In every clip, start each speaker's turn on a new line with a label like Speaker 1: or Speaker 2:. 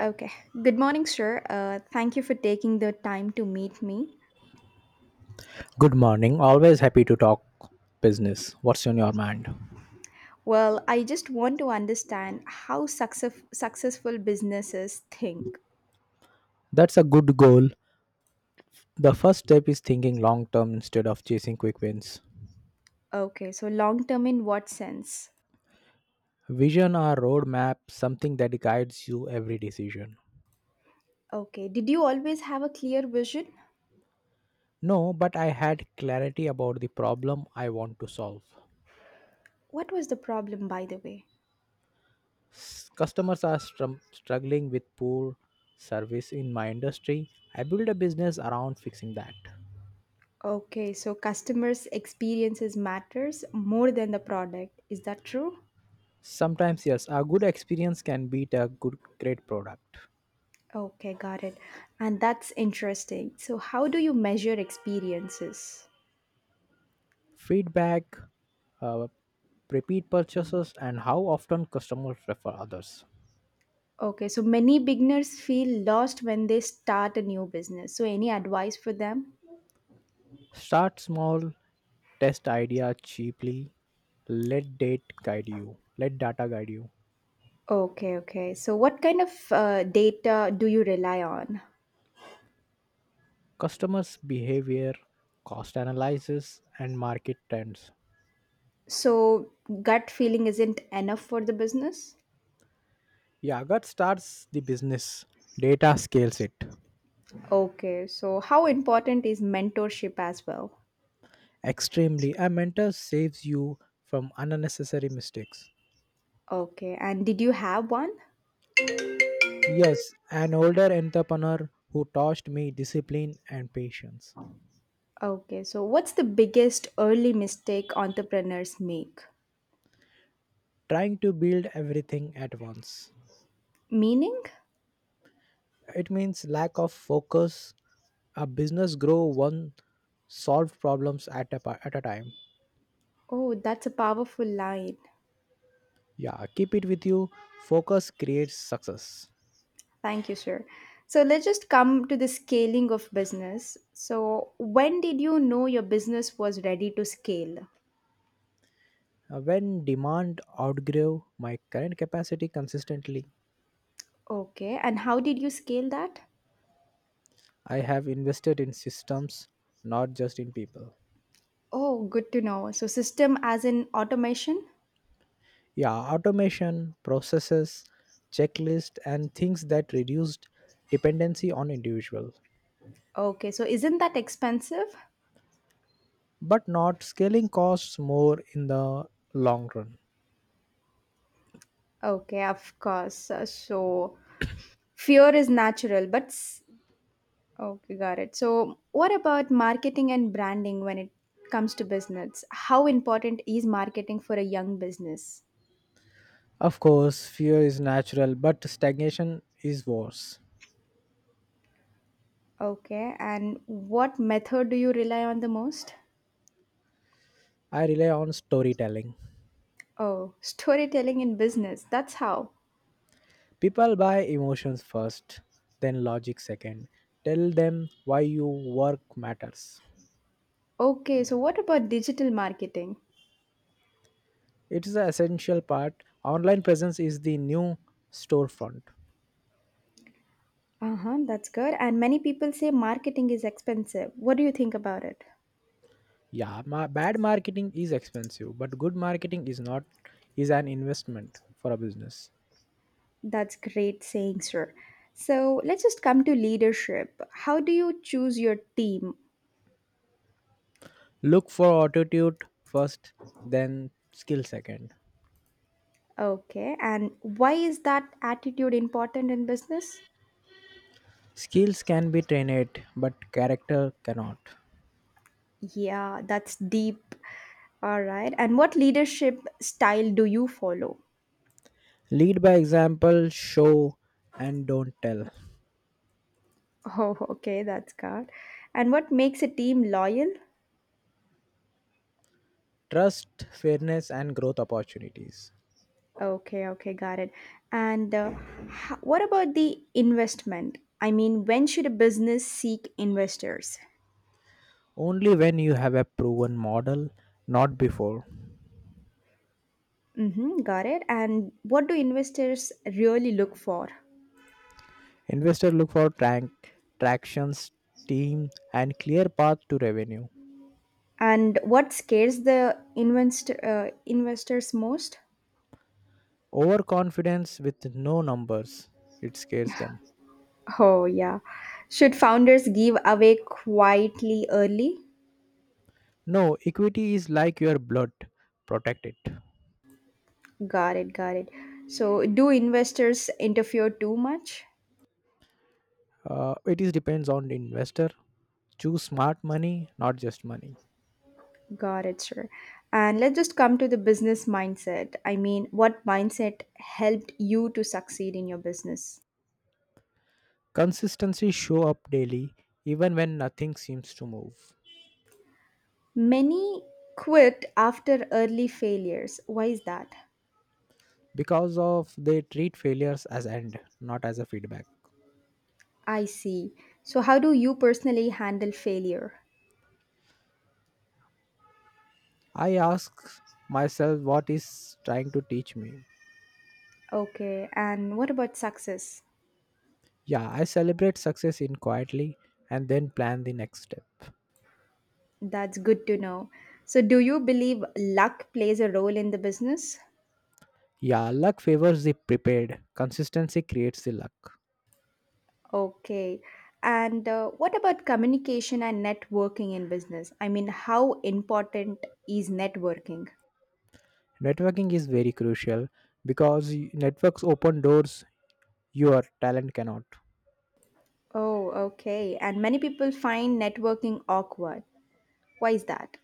Speaker 1: Okay. Good morning, sir. Thank you for taking the time to meet me.
Speaker 2: Good morning. Always happy to talk business. What's on your mind?
Speaker 1: Well, I just want to understand how successful businesses think.
Speaker 2: That's a good goal. The first step is thinking long term instead of chasing quick wins.
Speaker 1: Okay, so long term in what sense?
Speaker 2: Vision or roadmap, something that guides you every decision.
Speaker 1: Okay, did you always have a clear vision?
Speaker 2: No, but I had clarity about the problem I want to solve.
Speaker 1: What was the problem, by the way?
Speaker 2: Customers are struggling with poor service in my industry. I build a business around fixing that.
Speaker 1: Okay, so customers' experiences matters more than the product. Is that true?
Speaker 2: Sometimes, yes, a good experience can beat a good, great product.
Speaker 1: Okay, got it. And that's interesting. So, how do you measure experiences?
Speaker 2: Feedback, uh, repeat purchases, and how often customers refer others.
Speaker 1: Okay, so many beginners feel lost when they start a new business. So, any advice for them?
Speaker 2: Start small, test idea cheaply, let data guide you.
Speaker 1: Okay, okay. So, what kind of data do you rely on?
Speaker 2: Customers behavior, cost analysis, and market trends.
Speaker 1: So, gut feeling isn't enough for the business?
Speaker 2: Yagat starts the business, data scales it.
Speaker 1: Okay, so how important is mentorship as well?
Speaker 2: Extremely, a mentor saves you from unnecessary mistakes.
Speaker 1: Okay, and did you have one?
Speaker 2: Yes, an older entrepreneur who taught me discipline and patience.
Speaker 1: Okay, so what's the biggest early mistake entrepreneurs make?
Speaker 2: Trying to build everything at once.
Speaker 1: Meaning?
Speaker 2: It means lack of focus. A business grow one solve problems at a time.
Speaker 1: Oh, that's a powerful line.
Speaker 2: Yeah, keep it with you. Focus creates success.
Speaker 1: Thank you, sir. So, let's just come to the scaling of business. So, when did you know your business was ready to scale?
Speaker 2: When demand outgrew my current capacity consistently,
Speaker 1: Okay, and how did you scale that?
Speaker 2: I have invested in systems, not just in people.
Speaker 1: Oh, good to know. So, system as in automation?
Speaker 2: Yeah, automation processes, checklist and things that reduced dependency on individual,
Speaker 1: Okay, so isn't that expensive?
Speaker 2: but not scaling costs more in the long run.
Speaker 1: Okay, of course. So, fear is natural, but okay, got it. So, what about marketing and branding when it comes to business? How important is marketing for a young business?
Speaker 2: Of course, fear is natural, but stagnation is worse.
Speaker 1: Okay, and what method do you rely on the most?
Speaker 2: I rely on storytelling.
Speaker 1: Oh, storytelling in business. That's how.
Speaker 2: People buy emotions first, then logic second. Tell them why your work matters.
Speaker 1: Okay, so what about digital marketing?
Speaker 2: It is the essential part. Online presence is the new storefront.
Speaker 1: Uh huh, that's good. And many people say marketing is expensive. What do you think about it?
Speaker 2: Yeah, bad marketing is expensive, but good marketing is not is an investment for a business.
Speaker 1: That's great saying, sir. So, let's just come to leadership. How do you choose your team?
Speaker 2: Look for attitude first, then skill second.
Speaker 1: Okay, and why is that attitude important in business?
Speaker 2: Skills can be trained, but character cannot.
Speaker 1: Yeah, that's deep. All right, and what leadership style do you follow?
Speaker 2: Lead by example, show and don't tell.
Speaker 1: Oh, okay, that's good. And what makes a team loyal?
Speaker 2: Trust, fairness and growth opportunities.
Speaker 1: Okay, okay, got it. And what about the investment? I mean, when should a business seek investors?
Speaker 2: Only when you have a proven model, not before.
Speaker 1: Mm-hmm, got it. And what do investors really look for?
Speaker 2: Investors look for tractions, team and clear path to revenue.
Speaker 1: And what scares the investors most?
Speaker 2: Overconfidence with no numbers, it scares them.
Speaker 1: Oh, yeah. Should founders give away quietly early?
Speaker 2: No, equity is like your blood, protect it.
Speaker 1: Got it, got it. So, do investors interfere too much?
Speaker 2: It is depends on the investor. Choose smart money, not just money.
Speaker 1: Got it, sure. And let's just come to the business mindset. I mean, what mindset helped you to succeed in your business?
Speaker 2: Consistency show up daily, even when nothing seems to move.
Speaker 1: Many quit after early failures. Why is that?
Speaker 2: Because of they treat failures as end, not as a feedback.
Speaker 1: I see. So, how do you personally handle failure?
Speaker 2: I ask myself what is trying to teach me.
Speaker 1: Okay, and what about success?
Speaker 2: Yeah, I celebrate success in quietly and then plan the next step.
Speaker 1: That's good to know. So, do you believe luck plays a role in the business?
Speaker 2: Yeah, luck favors the prepared. Consistency creates the luck.
Speaker 1: Okay. And what about communication and networking in business? I mean, how important is networking?
Speaker 2: Networking is very crucial because networks open doors your talent cannot.
Speaker 1: Oh, okay. And many people find networking awkward. Why is that?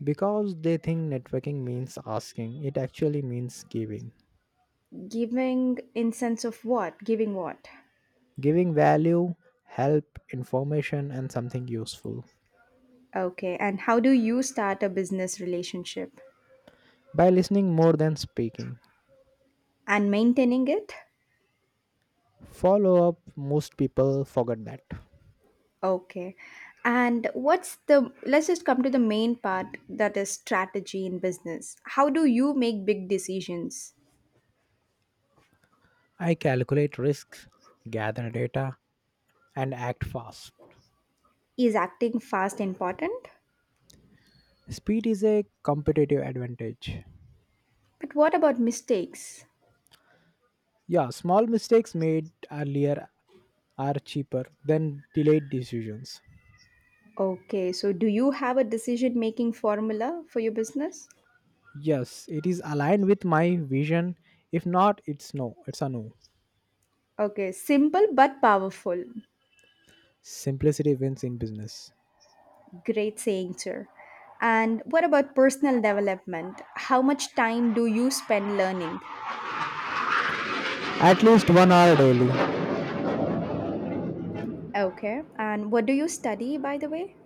Speaker 2: Because they think networking means asking, it actually means giving.
Speaker 1: Giving in sense of what? Giving what?
Speaker 2: Giving value, help, information, and something useful.
Speaker 1: Okay. And how do you start a business relationship
Speaker 2: By listening more than speaking.
Speaker 1: and maintaining it?
Speaker 2: Follow up, most people forget that.
Speaker 1: Okay. And what's the, let's just come to the main part that is strategy in business. How do you make big decisions?
Speaker 2: I calculate risks, gather data, and act fast.
Speaker 1: Is acting fast important?
Speaker 2: Speed is a competitive advantage.
Speaker 1: But what about mistakes?
Speaker 2: Yeah, small mistakes made earlier are cheaper than delayed decisions.
Speaker 1: Okay, so do you have a decision making formula for your business?
Speaker 2: Yes, it is aligned with my vision. If not, it's no. It's a no.
Speaker 1: Okay, simple but powerful.
Speaker 2: Simplicity wins in business.
Speaker 1: Great saying, sir. And what about personal development? How much time do you spend learning?
Speaker 2: At least 1 hour daily.
Speaker 1: Okay, and what do you study, by the way?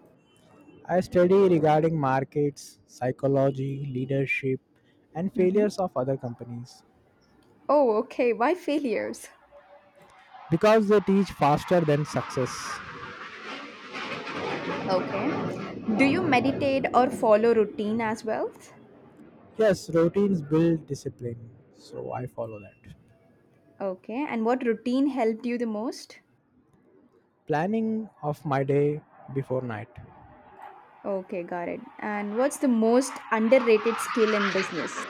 Speaker 2: I study regarding markets, psychology, leadership, and
Speaker 1: Mm-hmm.
Speaker 2: failures of other companies
Speaker 1: Oh, okay, why failures?
Speaker 2: because they teach faster than success.
Speaker 1: Okay. Do you meditate or follow routine as well?
Speaker 2: Yes, routines build discipline, so I follow that.
Speaker 1: Okay, and what routine helped you the most?
Speaker 2: Planning of my day before night.
Speaker 1: Okay, got it. And what's the most underrated skill in business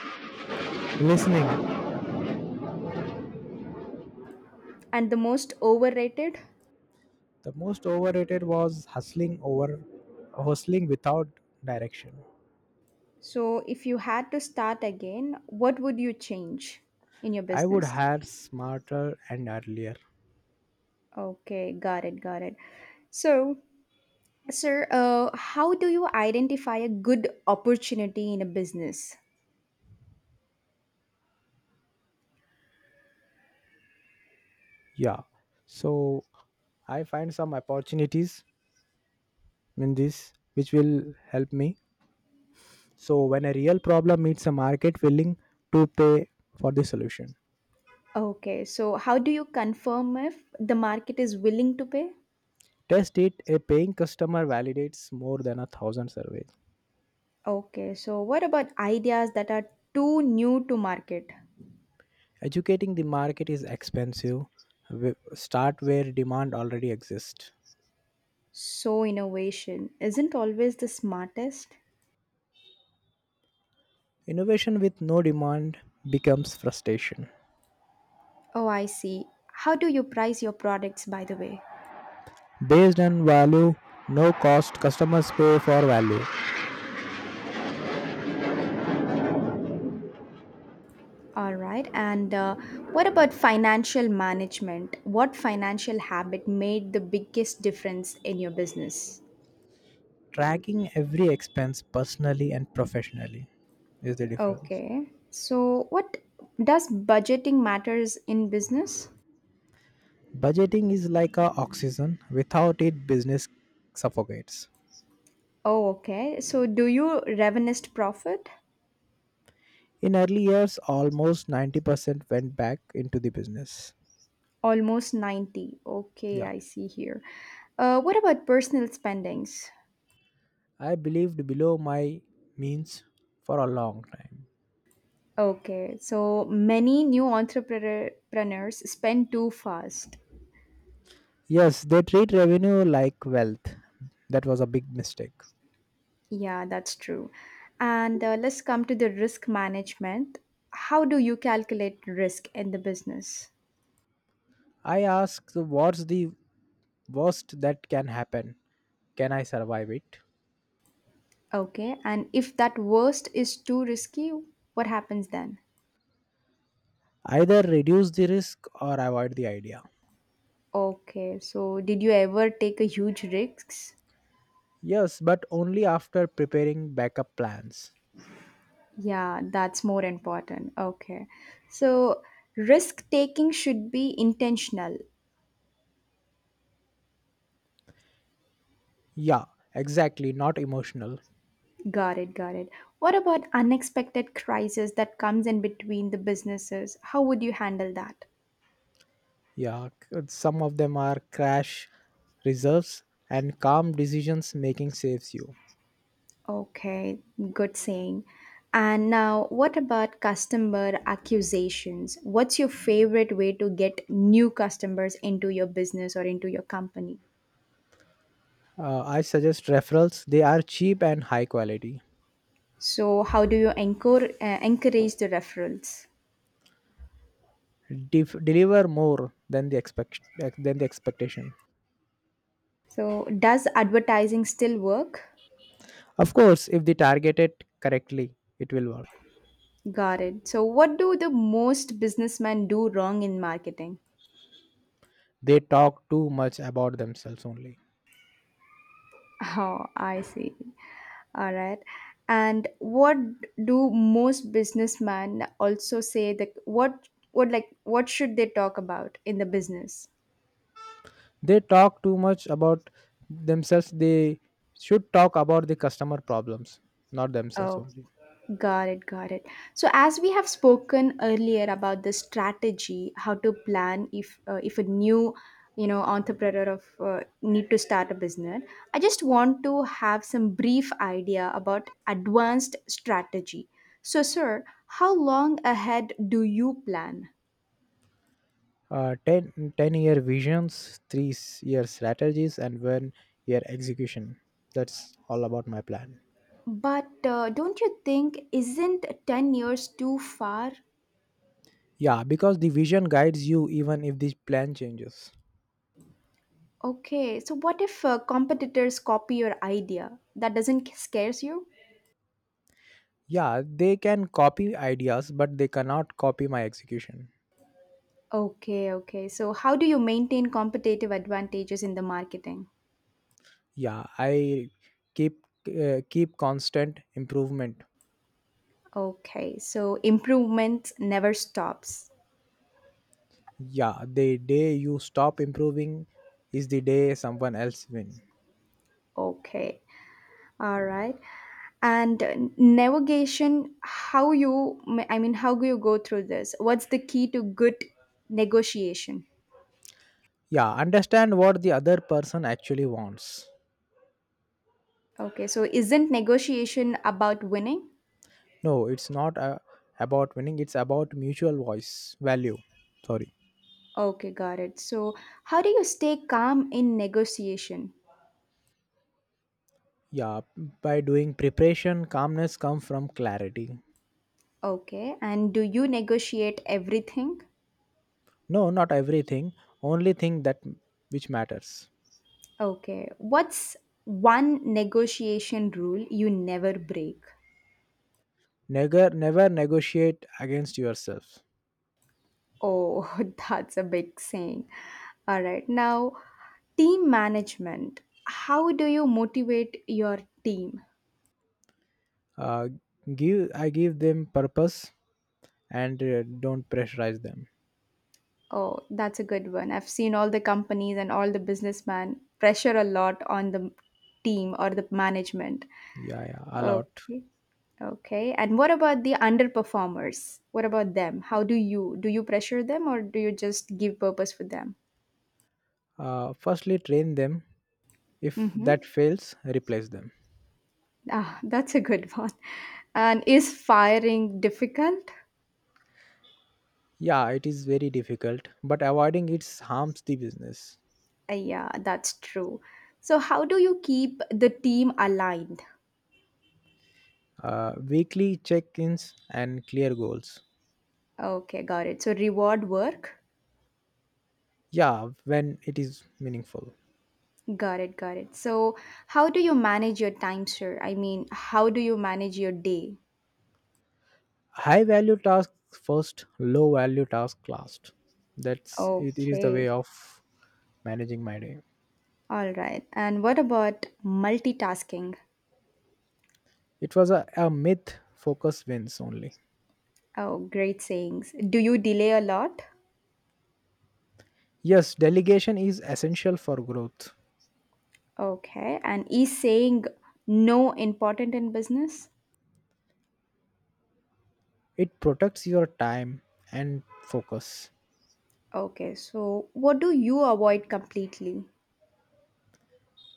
Speaker 2: Listening.
Speaker 1: and the most overrated?
Speaker 2: The most overrated was hustling without direction.
Speaker 1: So, if you had to start again, what would you change in your
Speaker 2: I would
Speaker 1: business?
Speaker 2: hire smarter and earlier.
Speaker 1: Okay, got it, got it. So, sir, how do you identify a good opportunity in a business?
Speaker 2: Yeah. So I find some opportunities in this which will help me. So when a real problem meets a market willing to pay for the solution.
Speaker 1: Okay, so how do you confirm if the market is willing to pay?
Speaker 2: Test it, a paying customer validates more than a thousand surveys.
Speaker 1: Okay, so what about ideas that are too new to market?
Speaker 2: Educating the market is expensive. Start where demand already exists.
Speaker 1: So, innovation isn't always the smartest.
Speaker 2: Innovation with no demand becomes frustration.
Speaker 1: Oh, I see. How do you price your products, by the way?
Speaker 2: Based on value, no cost, customers pay for value.
Speaker 1: All right. And what about financial management? What financial habit made the biggest difference in your business?
Speaker 2: Tracking every expense personally and professionally is the difference.
Speaker 1: Okay. So, what does budgeting matters in business?
Speaker 2: Budgeting is like a oxygen. Without it, business suffocates.
Speaker 1: Oh, okay. So, do you revenuest profit?
Speaker 2: In early years, almost 90% went back into the business.
Speaker 1: Almost 90. Okay,
Speaker 2: Yeah.
Speaker 1: I see here. What about personal spendings?
Speaker 2: I believed below my means for a long time.
Speaker 1: Okay, so many new entrepreneurs spend too fast.
Speaker 2: Yes, they treat revenue like wealth. That was a big mistake.
Speaker 1: Yeah, that's true. And let's come to the risk management. How do you calculate risk in the business?
Speaker 2: I ask what's the worst that can happen? Can I survive it?
Speaker 1: Okay, and if that worst is too risky, what happens then?
Speaker 2: Either reduce the risk or avoid the idea.
Speaker 1: Okay, so did you ever take a huge risks?
Speaker 2: Yes, but only after preparing backup plans.
Speaker 1: Yeah, that's more important. Okay. So, risk taking should be intentional.
Speaker 2: Yeah, exactly, not emotional.
Speaker 1: Got it, got it. What about unexpected crisis that comes in between the businesses? How would you handle that?
Speaker 2: Yeah, some of them are crash reserves and calm decisions making saves you.
Speaker 1: Okay, good saying. And now, what about customer accusations? What's your favorite way to get new customers into your business or into your company?
Speaker 2: I suggest referrals, they are cheap and high quality.
Speaker 1: So, how do you encourage the referrals?
Speaker 2: Deliver more than the expect than the expectation.
Speaker 1: So, does advertising still work?
Speaker 2: Of course, if they target it correctly, it will work.
Speaker 1: Got it. So, what do the most businessmen do wrong in marketing?
Speaker 2: They talk too much about themselves only.
Speaker 1: Oh, I see. All right. And what do most businessmen also say that what like what should they talk about in the business?
Speaker 2: They talk too much about themselves. They should talk about the customer problems, not themselves
Speaker 1: Oh,
Speaker 2: only.
Speaker 1: got it, got it. So, as we have spoken earlier about the strategy, how to plan if a new entrepreneur of need to start a business. I just want to have some brief idea about advanced strategy. So, sir, how long ahead do you plan?
Speaker 2: Uh, 10 10 year visions, 3 year strategies, and 1 year execution. That's all about my plan.
Speaker 1: But don't you think isn't 10 years too far?
Speaker 2: Yeah, because the vision guides you even if the plan changes.
Speaker 1: Okay, so what if competitors copy your idea? That doesn't scares you?
Speaker 2: Yeah, they can copy ideas, but they cannot copy my execution.
Speaker 1: Okay, okay. So, how do you maintain competitive advantages in the marketing?
Speaker 2: Yeah, I keep keep constant improvement.
Speaker 1: Okay, so improvement never stops.
Speaker 2: Yeah, the day you stop improving is the day someone else win.
Speaker 1: Okay. All right. And navigation, how you, I mean, how do you go through this? What's the key to good negotiation?
Speaker 2: Yeah, understand what the other person actually wants.
Speaker 1: Okay, so isn't negotiation about winning?
Speaker 2: No, it's not about winning, it's about mutual voice value. Sorry.
Speaker 1: Okay, got it. So, how do you stay calm in negotiation?
Speaker 2: Yeah, by doing preparation, calmness come from clarity.
Speaker 1: Okay, and do you negotiate everything?
Speaker 2: No, not everything, only thing that which matters.
Speaker 1: Okay, what's one negotiation rule you never break?
Speaker 2: Never negotiate against yourself.
Speaker 1: Oh, that's a big saying. All right, now team management. How do you motivate your team?
Speaker 2: Uh, give i give them purpose and don't pressurize them.
Speaker 1: Oh, that's a good one. I've seen all the companies and all the businessmen pressure a lot on the team or the management.
Speaker 2: Yeah, yeah, a lot.
Speaker 1: Okay. Okay. And what about the underperformers? What about them? How do you pressure them, or do you just give purpose for them?
Speaker 2: Firstly, train them. If
Speaker 1: Mm-hmm.
Speaker 2: that fails, replace them.
Speaker 1: Ah, that's a good one. And is firing difficult?
Speaker 2: Yeah, it is very difficult, but avoiding it harms the business.
Speaker 1: Yeah, that's true. So, how do you keep the team aligned?
Speaker 2: Weekly check-ins and clear goals.
Speaker 1: Okay, got it. So, reward work.
Speaker 2: Yeah, when it is meaningful.
Speaker 1: Got it, got it. So, how do you manage your time, sir? I mean, how do you manage your day?
Speaker 2: High value tasks first, low value task last. That's it is the way
Speaker 1: Okay,
Speaker 2: of managing my day.
Speaker 1: all right. And what about multitasking?
Speaker 2: It was a myth. Focus wins only.
Speaker 1: Oh, great sayings. Do you delay a lot?
Speaker 2: Yes, delegation is essential for growth.
Speaker 1: Okay. And is saying no important in business?
Speaker 2: It protects your time and focus.
Speaker 1: Okay. So, what do you avoid completely?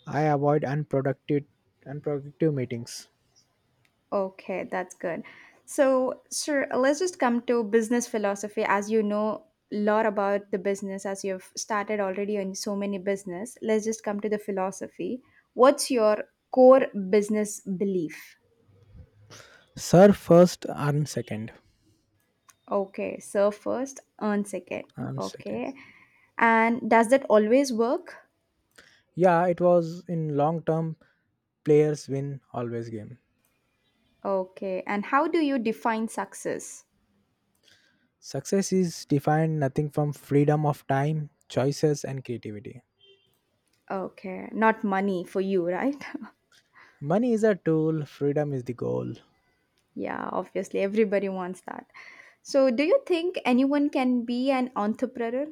Speaker 2: I avoid unproductive meetings.
Speaker 1: Okay, that's good. So, sir, let's just come to business philosophy. As you know a lot about the business, as you've started already in so many business, let's just come to the philosophy. What's your core business belief?
Speaker 2: Serve first, earn second.
Speaker 1: Okay, serve first, earn second.
Speaker 2: Earn second.
Speaker 1: Okay. And does that always work?
Speaker 2: Yeah, it was in long term, players win always game.
Speaker 1: Okay. And how do you define success?
Speaker 2: Success is defined nothing from freedom of time, choices and creativity.
Speaker 1: Okay, not money for you, right?
Speaker 2: Money is a tool, freedom is the goal.
Speaker 1: Yeah, obviously, everybody wants that. So, do you think anyone can be an entrepreneur?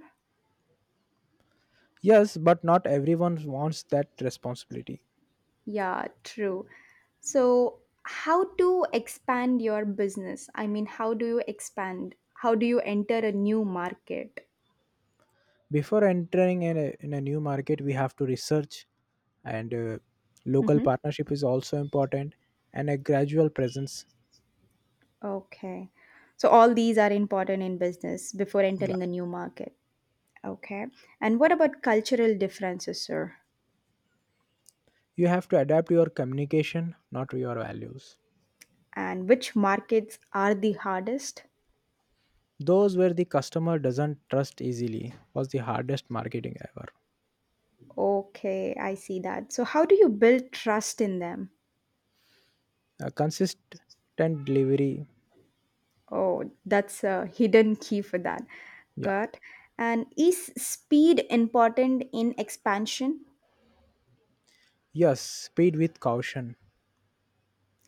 Speaker 2: Yes, but not everyone wants that responsibility.
Speaker 1: Yeah, true. So, how to expand your business? I mean, how do you expand? How do you enter a new market?
Speaker 2: Before entering in a new market, we have to research, and local
Speaker 1: Hmm.
Speaker 2: partnership is also important, and a gradual presence.
Speaker 1: Okay. So, all these are important in business before
Speaker 2: Yeah,
Speaker 1: entering a new market. Okay. And what about cultural differences, sir?
Speaker 2: you have to adapt your communication, not your values.
Speaker 1: And which markets are the hardest?
Speaker 2: Those where the customer doesn't trust easily was the hardest marketing ever.
Speaker 1: Okay, I see that. So, how do you build trust in them?
Speaker 2: A consistent delivery.
Speaker 1: Oh, that's a hidden key for that.
Speaker 2: Yeah.
Speaker 1: Got. And is speed important in expansion?
Speaker 2: Yes, speed with caution.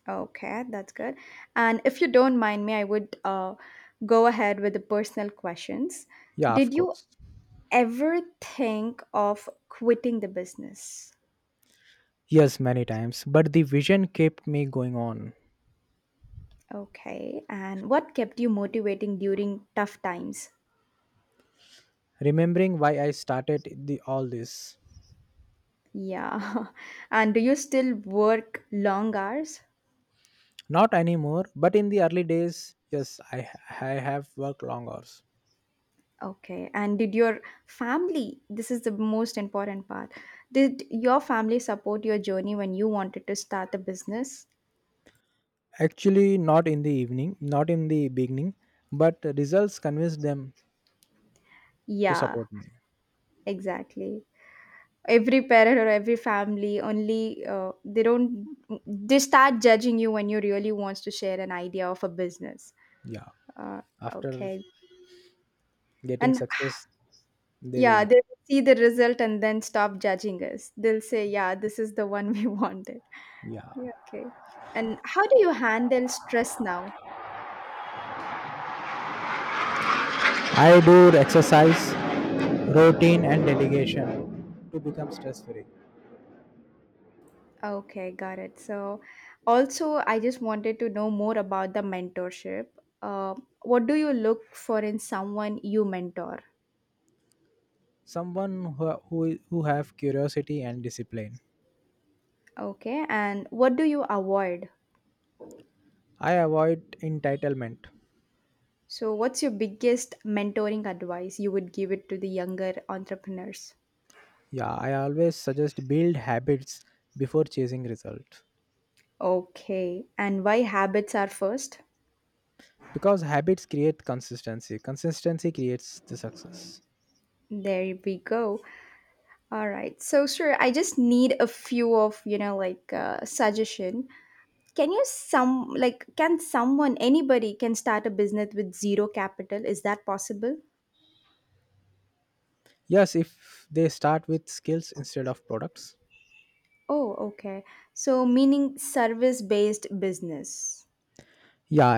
Speaker 1: Okay, that's good. And if you don't mind me, I would go ahead with the personal questions.
Speaker 2: Yeah, of
Speaker 1: Did you
Speaker 2: course.
Speaker 1: ever think of quitting the business?
Speaker 2: Yes, many times. But the vision kept me going on.
Speaker 1: Okay, and what kept you motivating during tough times?
Speaker 2: Remembering why I started the all this.
Speaker 1: Yeah. And do you still work long hours?
Speaker 2: Not anymore, but in the early days, yes, I have worked long hours.
Speaker 1: Okay. And did your family, this is the most important part, did your family support your journey when you wanted to start a business?
Speaker 2: Actually, not in the evening, not in the beginning, but results convinced them to
Speaker 1: Yeah,
Speaker 2: support me.
Speaker 1: exactly. Every parent or every family only they don't, they start judging you when you really wants to share an idea of a business.
Speaker 2: Yeah,
Speaker 1: Uh,
Speaker 2: after
Speaker 1: okay.
Speaker 2: getting
Speaker 1: And
Speaker 2: success, they will
Speaker 1: yeah,
Speaker 2: know.
Speaker 1: they see the result and then stop judging us. They'll say, yeah, this is the one we wanted.
Speaker 2: Yeah,
Speaker 1: Yeah, okay. And how do you handle stress now?
Speaker 2: I do exercise, routine, and delegation to become stress free.
Speaker 1: Okay, got it. So, also, I just wanted to know more about the mentorship. Uh, what do you look for in someone you mentor?
Speaker 2: Someone who have curiosity and discipline.
Speaker 1: Okay, and what do you avoid?
Speaker 2: I avoid entitlement.
Speaker 1: So, what's your biggest mentoring advice you would give it to the younger entrepreneurs?
Speaker 2: Yeah, I always suggest build habits before chasing result
Speaker 1: Okay, and why habits are first?
Speaker 2: because habits create consistency. Consistency creates the success.
Speaker 1: There we go. All right. So, sure, I just need a few of, like suggestion. Can you some like can someone anybody can start a business with zero capital? Is that possible?
Speaker 2: Yes, if they start with skills instead of products.
Speaker 1: Oh, okay. So, meaning service-based business.
Speaker 2: Yeah,